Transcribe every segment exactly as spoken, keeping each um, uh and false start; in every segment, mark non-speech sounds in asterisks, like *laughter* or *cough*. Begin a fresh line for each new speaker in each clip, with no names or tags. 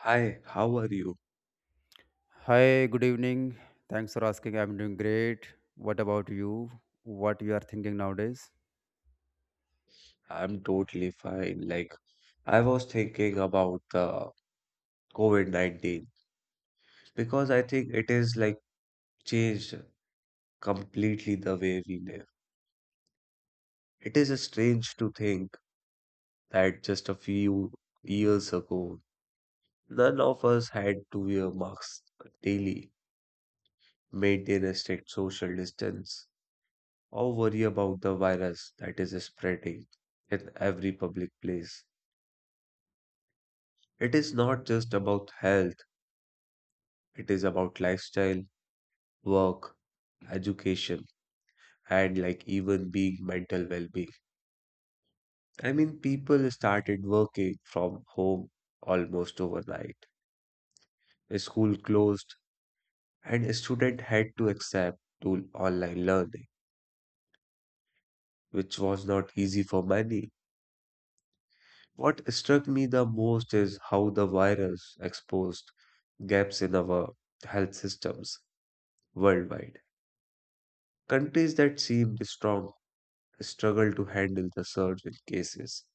Hi, how are you?
Hi, good evening. Thanks for asking. I'm doing great. What about you? What you are thinking nowadays?
I'm totally fine. Like, I was thinking about the COVID nineteen because I think it is like changed completely the way we live. It is strange to think that just a few years ago, none of us had to wear masks daily, maintain a strict social distance, or worry about the virus that is spreading in every public place. It is not just about health. It is about lifestyle, work, education, and like even being mental well being. I mean, people started working from home almost overnight. School closed, and a student had to accept to online learning, which was not easy for many. What struck me the most is how the virus exposed gaps in our health systems worldwide. Countries that seemed strong struggle to handle the surge in cases.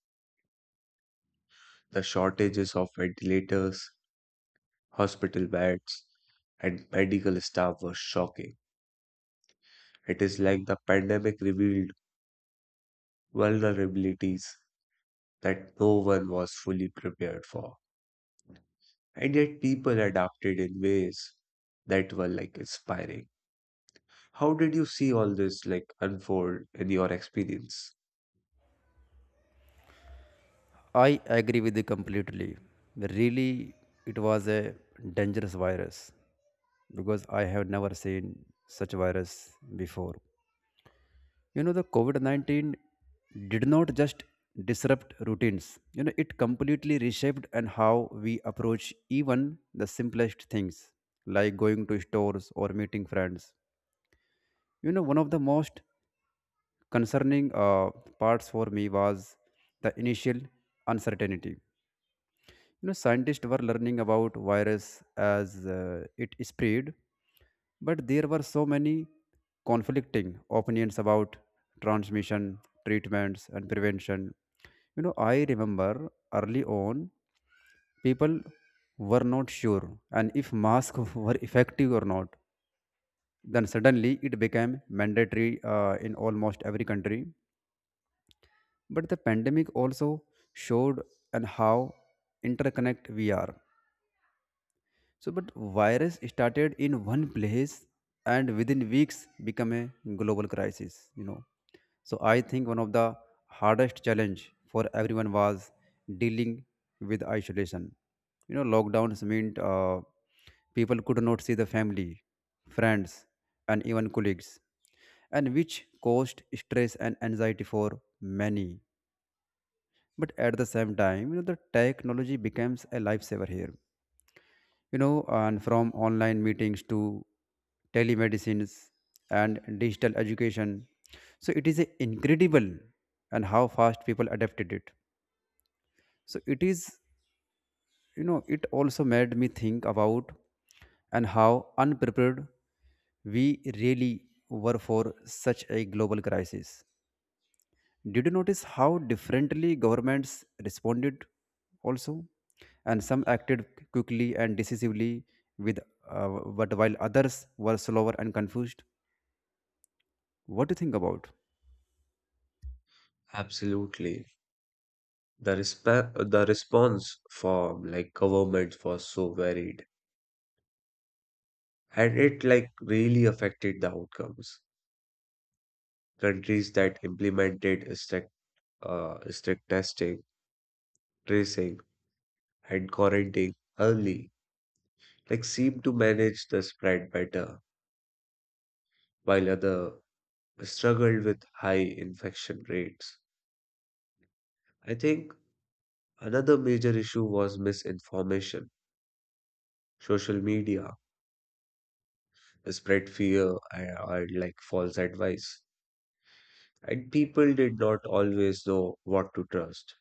The shortages of ventilators, hospital beds, and medical staff were shocking. It is like the pandemic revealed vulnerabilities that no one was fully prepared for. And yet people adapted in ways that were like inspiring. How did you see all this like unfold in your experience?
I agree with you completely. Really, it was a dangerous virus because I have never seen such virus before. You know, the COVID nineteen did not just disrupt routines. You know, it completely reshaped and how we approach even the simplest things like going to stores or meeting friends. You know, one of the most concerning uh, parts for me was the initial uncertainty. You know, scientists were learning about virus as uh, it spread, but there were so many conflicting opinions about transmission, treatments and prevention. You know, I remember early on people were not sure and if masks *laughs* were effective or not. Then suddenly it became mandatory uh, in almost every country. But the pandemic also showed and how interconnect we are. So but virus started in one place, and within weeks become a global crisis. You know, so I think one of the hardest challenge for everyone was dealing with isolation. You know, lockdowns meant uh, people could not see the family, friends and even colleagues, and which caused stress and anxiety for many. But at the same time, you know, the technology becomes a lifesaver here, you know, and from online meetings to telemedicines and digital education. So it is a incredible and how fast people adapted it. So it is, you know, it also made me think about and how unprepared we really were for such a global crisis. Did you notice how differently governments responded also? And some acted quickly and decisively with, uh, but while others were slower and confused. What do you think about?
Absolutely. The resp- the response from like government was so varied, and it like really affected the outcomes. Countries that implemented strict, uh, strict testing, tracing, and quarantine early, like seemed to manage the spread better, while other struggled with high infection rates. I think another major issue was misinformation. Social media spread fear and, and like false advice, and people did not always know what to trust.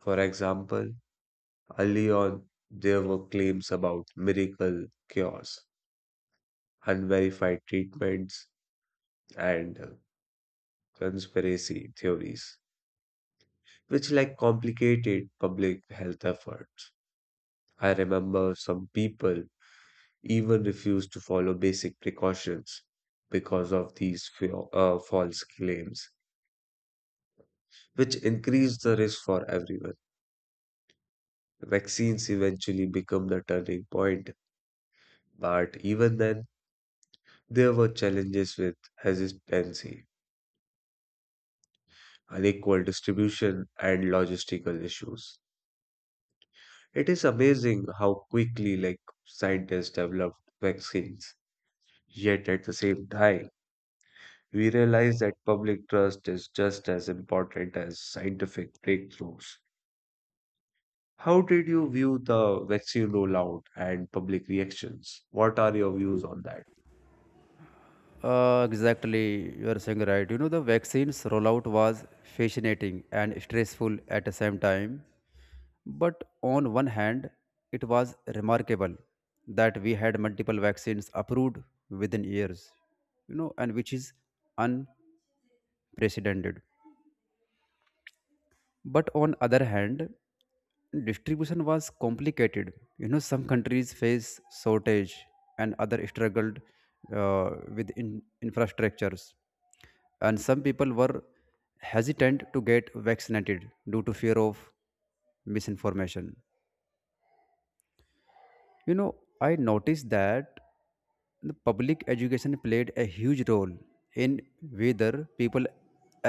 For example, early on, there were claims about miracle cures, unverified treatments, and uh, conspiracy theories, which like complicated public health efforts. I remember some people even refused to follow basic precautions because of these fa- uh, false claims, which increased the risk for everyone. Vaccines eventually become the turning point, but even then, there were challenges with hesitancy, unequal distribution, and logistical issues. It is amazing how quickly like scientists developed vaccines. Yet at the same time, we realize that public trust is just as important as scientific breakthroughs. How did you view the vaccine rollout and public reactions? What are your views on that?
Uh, exactly, you are saying right. You know, the vaccines rollout was fascinating and stressful at the same time. But on one hand, it was remarkable that we had multiple vaccines approved within years, you know, and which is precedented. But on other hand, distribution was complicated. You know, some countries face shortage and other struggled uh, with in- infrastructures. And some people were hesitant to get vaccinated due to fear of misinformation. You know, I noticed that the public education played a huge role in whether people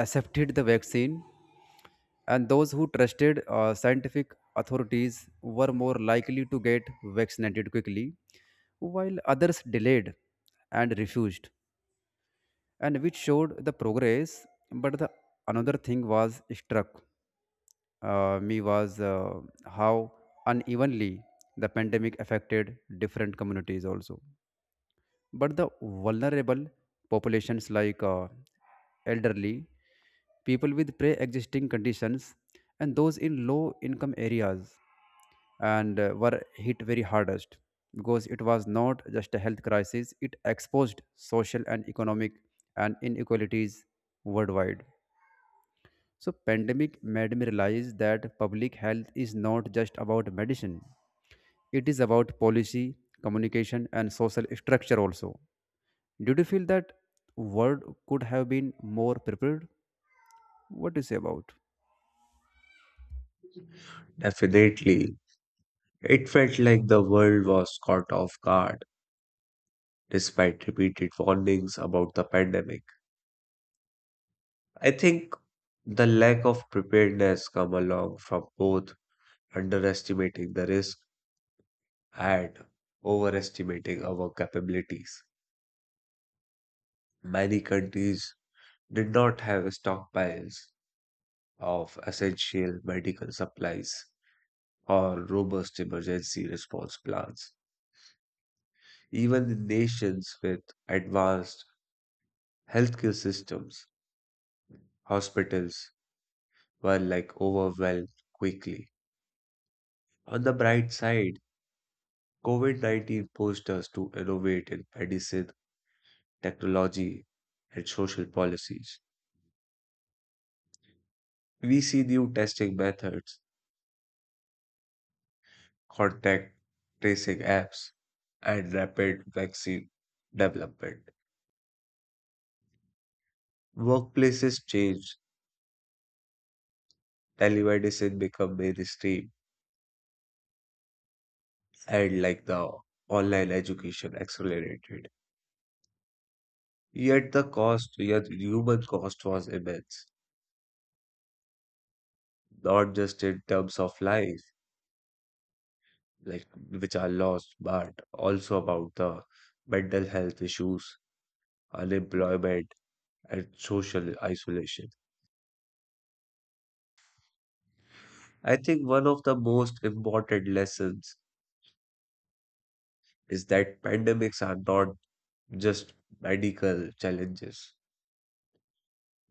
accepted the vaccine, and those who trusted uh, scientific authorities were more likely to get vaccinated quickly, while others delayed and refused, and which showed the progress. But the another thing was struck uh, me was, uh, how unevenly the pandemic affected different communities also. But the vulnerable populations like, uh, elderly, people with pre-existing conditions and those in low income areas, and uh, were hit very hardest, because it was not just a health crisis. It exposed social and economic and inequalities worldwide. So pandemic made me realize that public health is not just about medicine. It is about policy, communication and social structure also. Did you feel that word could have been more prepared? What do you say about?
Definitely. It felt like the world was caught off guard despite repeated warnings about the pandemic. I think the lack of preparedness come along from both underestimating the risk and overestimating our capabilities. Many countries did not have stockpiles of essential medical supplies or robust emergency response plans. Even in nations with advanced healthcare systems, hospitals were like overwhelmed quickly. On the bright side, COVID nineteen pushed us to innovate in medicine, technology, and social policies. We see new testing methods, contact tracing apps, and rapid vaccine development. Workplaces change, telemedicine become mainstream, and like the online education accelerated. Yet the cost, yet human cost was immense, not just in terms of life, like which are lost, but also about the mental health issues, unemployment, and social isolation. I think one of the most important lessons is that pandemics are not just medical challenges.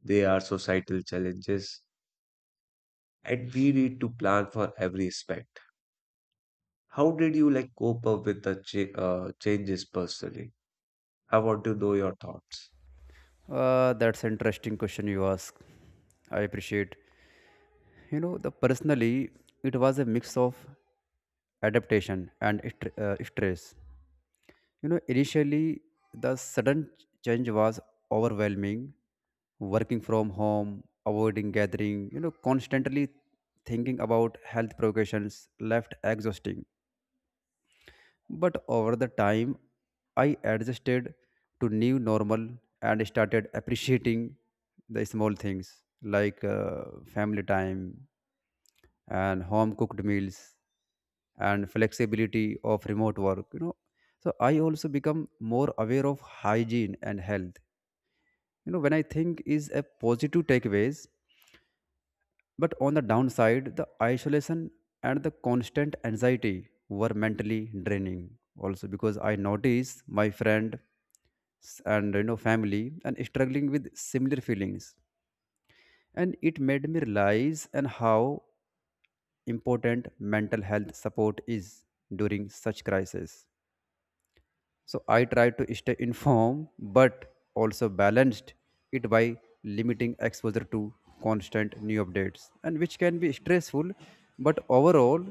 They are societal challenges, and we need to plan for every aspect. How did you like cope up with the cha- uh, changes personally? I want to know your thoughts.
Uh, that's interesting question you ask. I appreciate. You know, the personally, it was a mix of adaptation and stre- uh, stress. You know, initially the sudden change was overwhelming. Working from home, avoiding gathering, you know, constantly thinking about health precautions left exhausting. But over the time, I adjusted to new normal and started appreciating the small things like uh, family time and home cooked meals and flexibility of remote work, you know. So I also become more aware of hygiene and health, you know, when I think is a positive takeaways. But on the downside, the isolation and the constant anxiety were mentally draining also, because I noticed my friend s- and you know family and struggling with similar feelings. And it made me realize and how important mental health support is during such crisis. So I try to stay informed but also balanced it by limiting exposure to constant new updates and which can be stressful. But overall,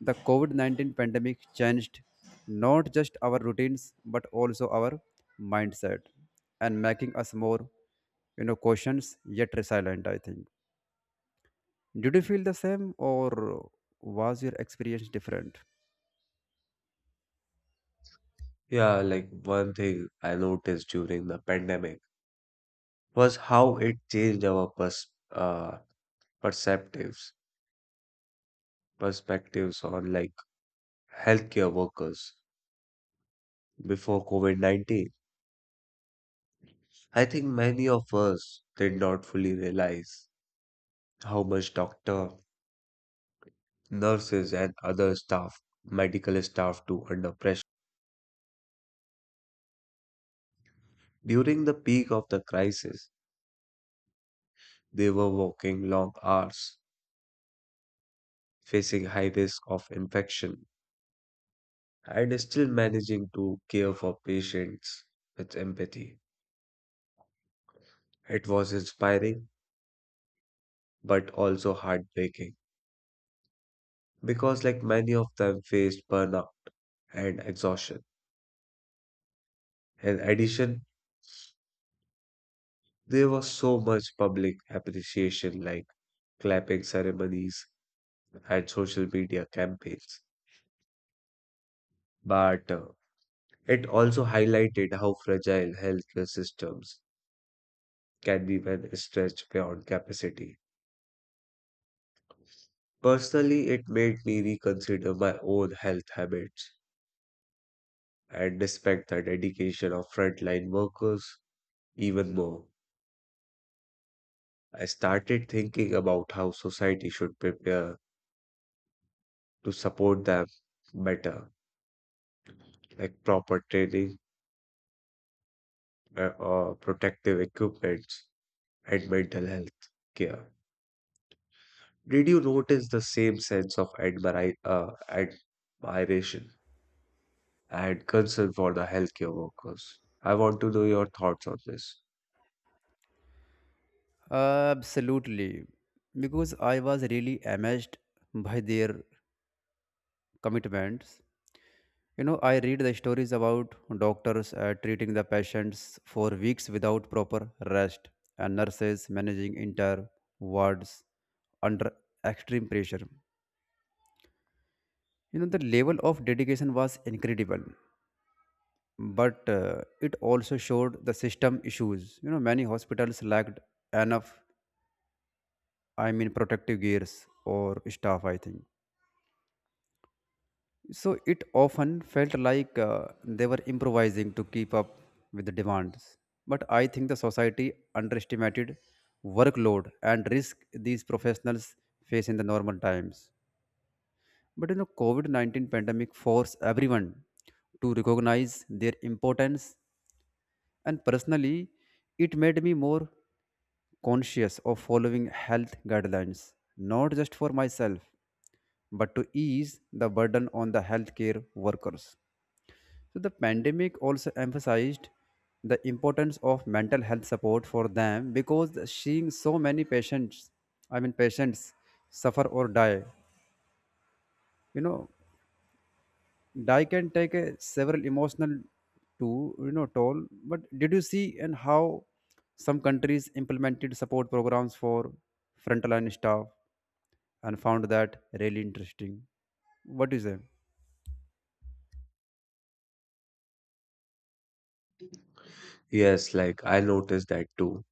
the COVID nineteen pandemic changed not just our routines but also our mindset, and making us more, you know, cautious yet resilient, I think. Did you feel the same, or was your experience different?
Yeah, like one thing I noticed during the pandemic was how it changed our pers uh, perceptives, perspectives on like healthcare workers before COVID nineteen. I think many of us did not fully realize how much doctor, nurses, and other staff, medical staff too, under pressure. During the peak of the crisis, they were working long hours, facing high risk of infection, and still managing to care for patients with empathy. It was inspiring, but also heartbreaking because, like many of them, faced burnout and exhaustion. In addition, there was so much public appreciation, like clapping ceremonies and social media campaigns. But uh, it also highlighted how fragile healthcare systems can be when stretched beyond capacity. Personally, it made me reconsider my own health habits and respect the dedication of frontline workers even more. I started thinking about how society should prepare to support them better, like proper training, uh, or protective equipments and mental health care. Did you notice the same sense of admira- uh, admiration and concern for the healthcare workers? I want to know your thoughts on this.
Absolutely, because I was really amazed by their commitments. You know, I read the stories about doctors uh, treating the patients for weeks without proper rest, and nurses managing entire wards under extreme pressure. You know, the level of dedication was incredible, but uh, it also showed the system issues. You know, many hospitals lacked enough, I mean, protective gears or staff, I think. So it often felt like uh, they were improvising to keep up with the demands. But I think the society underestimated workload and risk these professionals face in the normal times. But you know, COVID nineteen pandemic forced everyone to recognize their importance, and personally it made me more conscious of following health guidelines, not just for myself, but to ease the burden on the healthcare workers. So the pandemic also emphasized the importance of mental health support for them, because the- seeing so many patients, I mean patients suffer or die, you know, die can take a several emotional to, you know, toll. But did you see and how some countries implemented support programs for frontline staff, and found that really interesting? What is it?
Yes, like I noticed that too.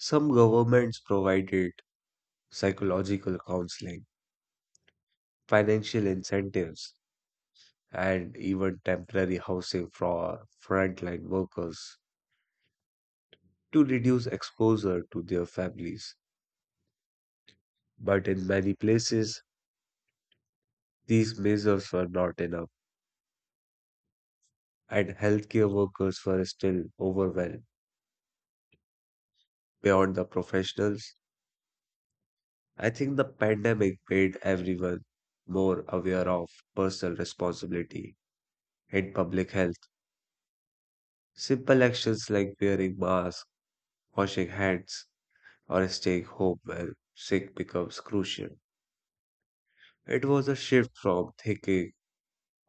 Some governments provided psychological counseling, financial incentives, and even temporary housing for frontline workers to reduce exposure to their families. But in many places, these measures were not enough, and healthcare workers were still overwhelmed beyond the professionals. I think the pandemic made everyone more aware of personal responsibility in public health. Simple actions like wearing masks, washing hands, or staying home when sick becomes crucial. It was a shift from thinking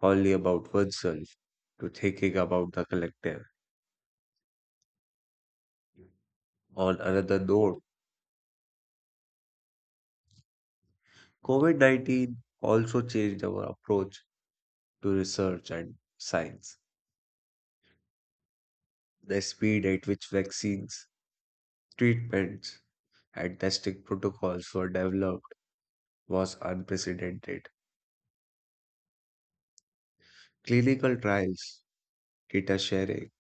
only about oneself to thinking about the collective. On another note, COVID nineteen also changed our approach to research and science. The speed at which vaccines, treatments, and testing protocols were developed was unprecedented. Clinical trials, data sharing,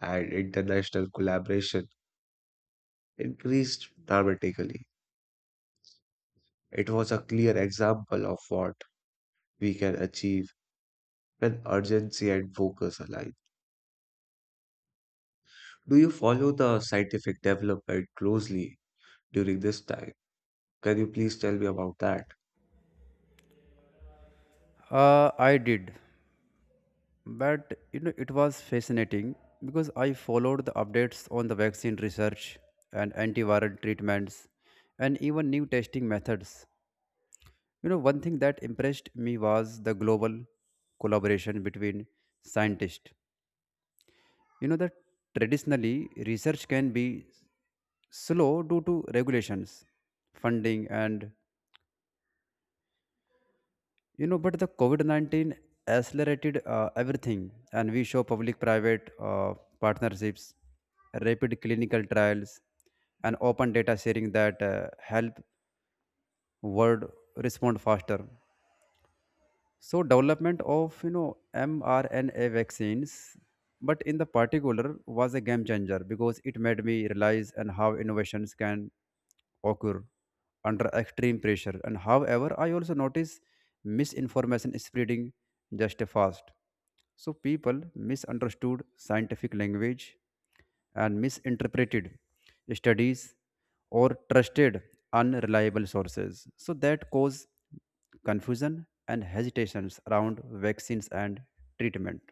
and international collaboration increased dramatically. It was a clear example of what we can achieve when urgency and focus align. Do you follow the scientific development closely during this time? Can you please tell me about that?
Uh, I did. But you know, it was fascinating because I followed the updates on the vaccine research and antiviral treatments and even new testing methods. You know, one thing that impressed me was the global collaboration between scientists. You know that traditionally research can be slow due to regulations, funding, and, you know, but the COVID nineteen accelerated uh, everything, and we saw public private uh, partnerships, rapid clinical trials, and open data sharing that uh, help world respond faster. So development of, you know, mrna vaccines, but in the particular was a game changer, because it made me realize and how innovations can occur under extreme pressure. And however I also notice misinformation spreading just fast. So people misunderstood scientific language and misinterpreted studies or trusted unreliable sources. So that cause confusion and hesitations around vaccines and treatment.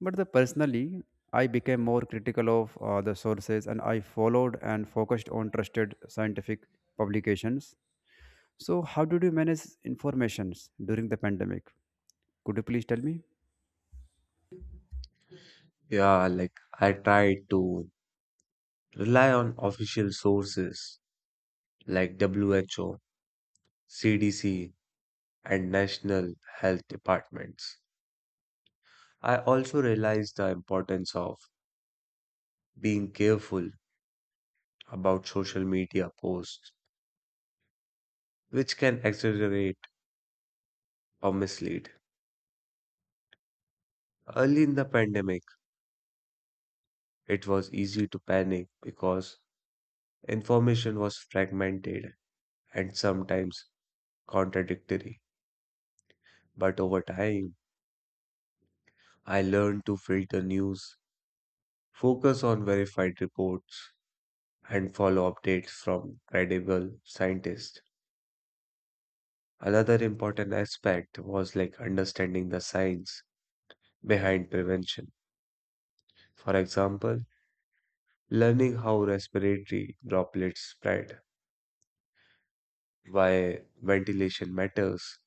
But the personally, I became more critical of uh, the sources, and I followed and focused on trusted scientific publications. So, how did you manage informations during the pandemic? Could you please tell me?
Yeah, like I tried to rely on official sources like W H O, C D C, and national health departments. I also realized the importance of being careful about social media posts, which can exaggerate or mislead. Early in the pandemic, it was easy to panic because information was fragmented and sometimes contradictory. But over time, I learned to filter news, focus on verified reports, and follow updates from credible scientists. Another important aspect was like understanding the science behind prevention. For example, learning how respiratory droplets spread, why ventilation matters,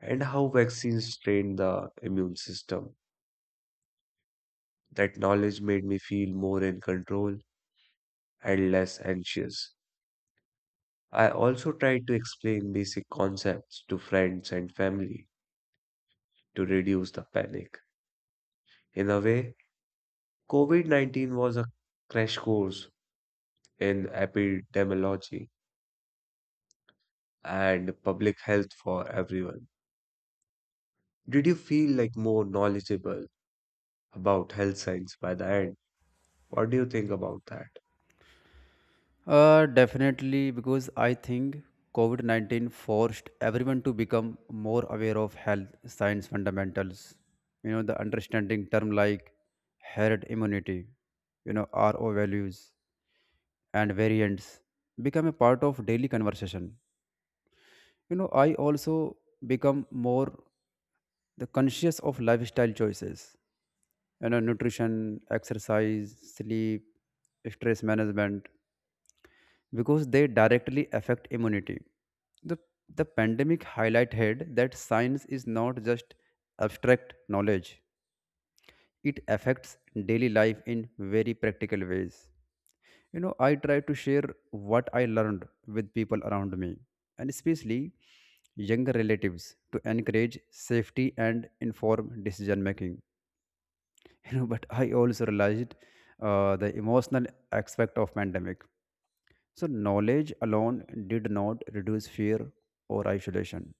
and how vaccines train the immune system. That knowledge made me feel more in control and less anxious. I also tried to explain basic concepts to friends and family to reduce the panic. In a way, COVID nineteen was a crash course in epidemiology and public health for everyone. Did you feel like more knowledgeable about health science by the end? What do you think about that?
Uh, definitely, because I think COVID nineteen forced everyone to become more aware of health science fundamentals. You know, the understanding term like herd immunity, you know, R O values and variants become a part of daily conversation. You know, I also become more the conscious of lifestyle choices, you know, nutrition, exercise, sleep, stress management, because they directly affect immunity. The, the pandemic highlighted that science is not just abstract knowledge. It affects daily life in very practical ways. You know, I try to share what I learned with people around me, and especially younger relatives, to encourage safety and informed decision making. *laughs* You know, but I also realized uh, the emotional aspect of pandemic. So, knowledge alone did not reduce fear or isolation,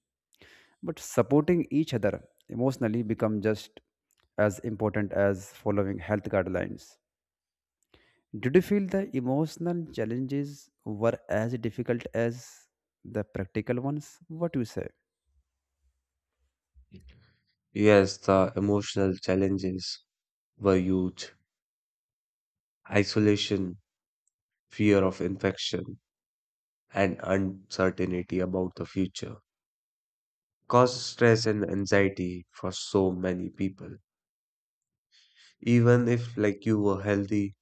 but supporting each other emotionally become just as important as following health guidelines. Did you feel the emotional challenges were as difficult as the practical ones? What do you say?
Yes, the emotional challenges were huge. Isolation, fear of infection, and uncertainty about the future caused stress and anxiety for so many people. Even if like you were healthy,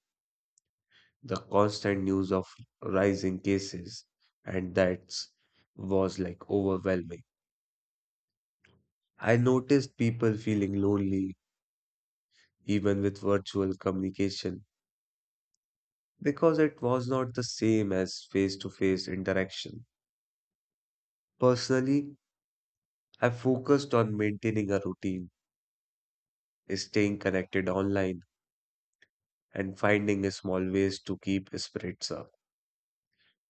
the constant news of rising cases and that was like overwhelming. I noticed people feeling lonely even with virtual communication because it was not the same as face to face interaction. Personally, I focused on maintaining a routine, staying connected online, and finding small ways to keep spirits up,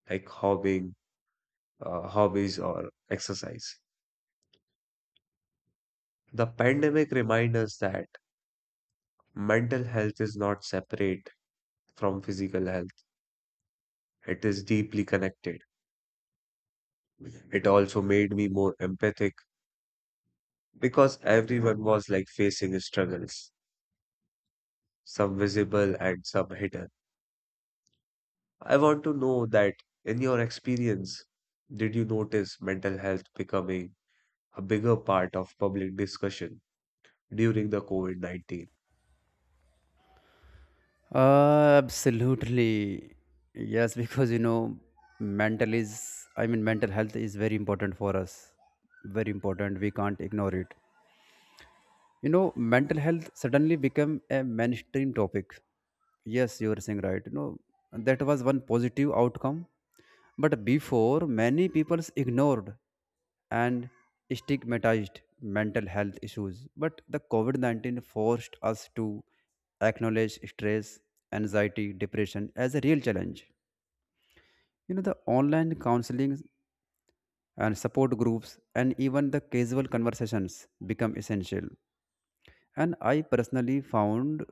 like hobbying, uh, hobbies or exercise. The pandemic reminds us that mental health is not separate from physical health. It is deeply connected. It also made me more empathic because everyone was like facing struggles, some visible and some hidden. I want to know that in your experience, did you notice mental health becoming a bigger part of public discussion during the COVID nineteen?
Uh, absolutely. Yes, because you know, mental is, I mean, mental health is very important for us. Very important. We can't ignore it. You know, mental health suddenly became a mainstream topic. Yes, you are saying right. You know, that was one positive outcome. But before, many people ignored and stigmatized mental health issues. But the COVID nineteen forced us to acknowledge stress, anxiety, depression as a real challenge. You know, the online counseling and support groups and even the casual conversations become essential. And I personally found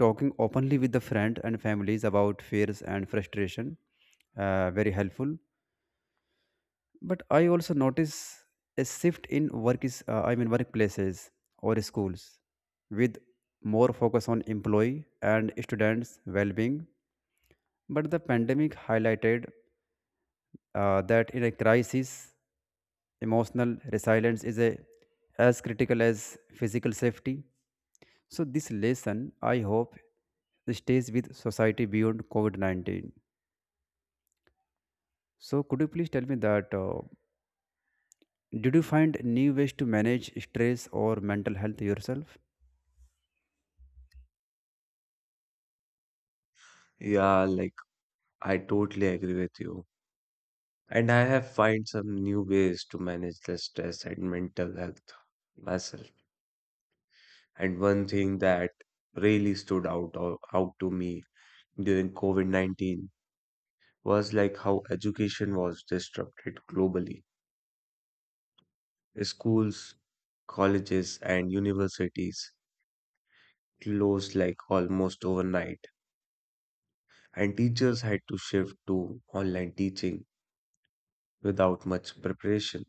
talking openly with the friends and families about fears and frustration, uh, very helpful. But I also notice a shift in work is uh, I mean workplaces or schools with more focus on employee and students' well-being. But the pandemic highlighted uh, that in a crisis, emotional resilience is a, as critical as physical safety. So, this lesson, I hope, stays with society beyond COVID nineteen. So, could you please tell me that, uh, did you find new ways to manage stress or mental health yourself?
Yeah, like I totally agree with you. And I have find some new ways to manage the stress and mental health myself. And one thing that really stood out or out to me during COVID nineteen was like how education was disrupted globally. Schools, colleges, and universities closed like almost overnight, and teachers had to shift to online teaching without much preparation.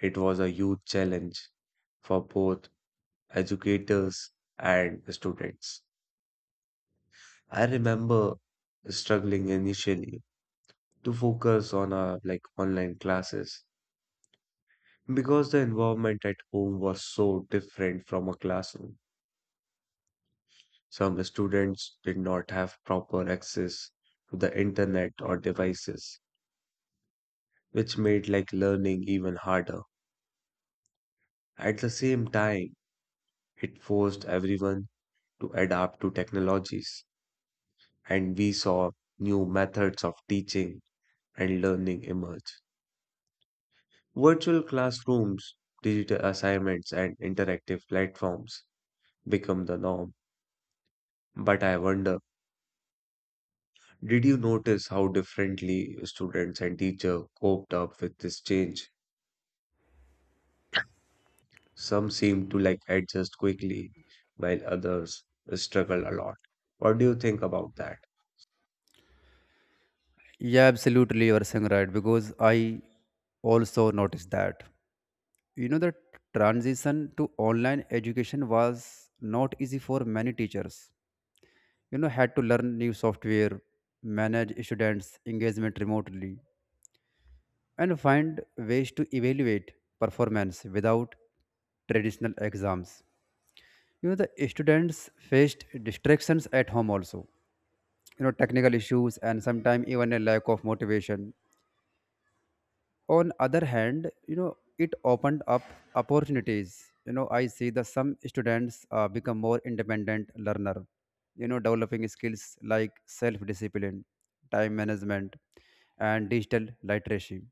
It was a huge challenge for both educators and students. I remember struggling initially to focus on our like online classes because the environment at home was so different from a classroom. Some students did not have proper access to the internet or devices, which made like learning even harder. At the same time, it forced everyone to adapt to technologies, and we saw new methods of teaching and learning emerge. Virtual classrooms, digital assignments, and interactive platforms become the norm. But I wonder, did you notice how differently students and teachers coped up with this change? Some seem to like adjust quickly, while others struggle a lot. What do you think about that?
Yeah, absolutely. You are saying right, because I also noticed that. You know, the transition to online education was not easy for many teachers. You know, had to learn new software, manage students' engagement remotely and find ways to evaluate performance without traditional exams. You know, the students faced distractions at home also, you know, technical issues and sometimes even a lack of motivation. On other hand, you know, it opened up opportunities. You know, I see that some students uh, become more independent learner, you know, developing skills like self-discipline, time management, and digital literacy.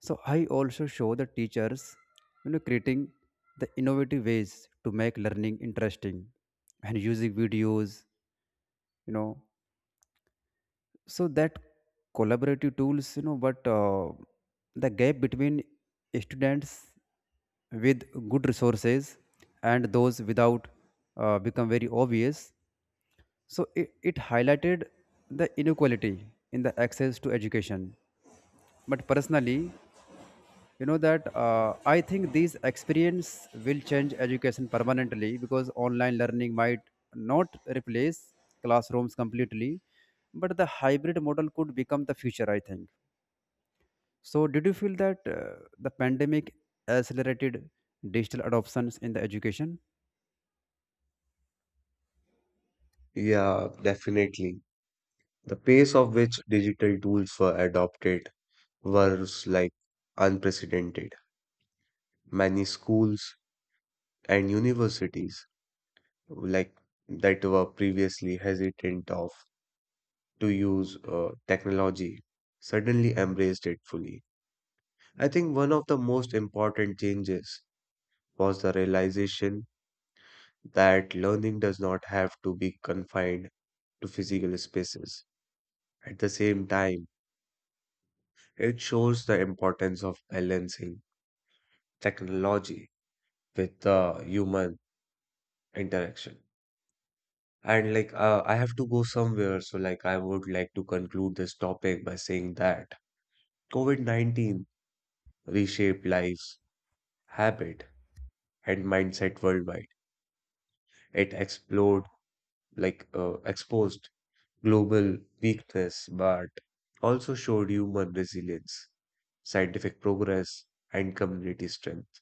So I also show the teachers, you know, creating the innovative ways to make learning interesting and using videos, you know, so that collaborative tools, you know, but uh, the gap between students with good resources and those without uh, become very obvious. So it, it highlighted the inequality in the access to education. But personally, you know that, uh, I think these experience will change education permanently, because online learning might not replace classrooms completely, but the hybrid model could become the future. I think. So, did you feel that, uh, the pandemic accelerated digital adoptions in the education?
Yeah, definitely. The pace of which digital tools were adopted was like unprecedented. Many schools and universities like that were previously hesitant of to use uh, technology suddenly embraced it fully. I think one of the most important changes was the realization that learning does not have to be confined to physical spaces. At the same time, it shows the importance of balancing technology with the human interaction. And like uh, I have to go somewhere, so like I would like to conclude this topic by saying that COVID nineteen reshaped life, habit, and mindset worldwide. It explored, like, uh, exposed global weakness, but also showed human resilience, scientific progress, and community strength.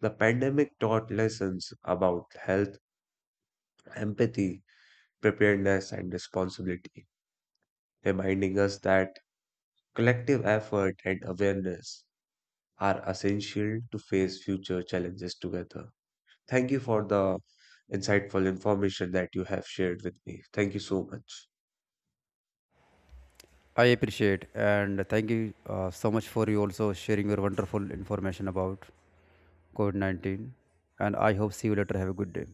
The pandemic taught lessons about health, empathy, preparedness, and responsibility, reminding us that collective effort and awareness are essential to face future challenges together. Thank you for the insightful information that you have shared with me. Thank you so much.
I appreciate and thank you uh, so much for you also sharing your wonderful information about COVID nineteen. And I hope see you later. Have a good day.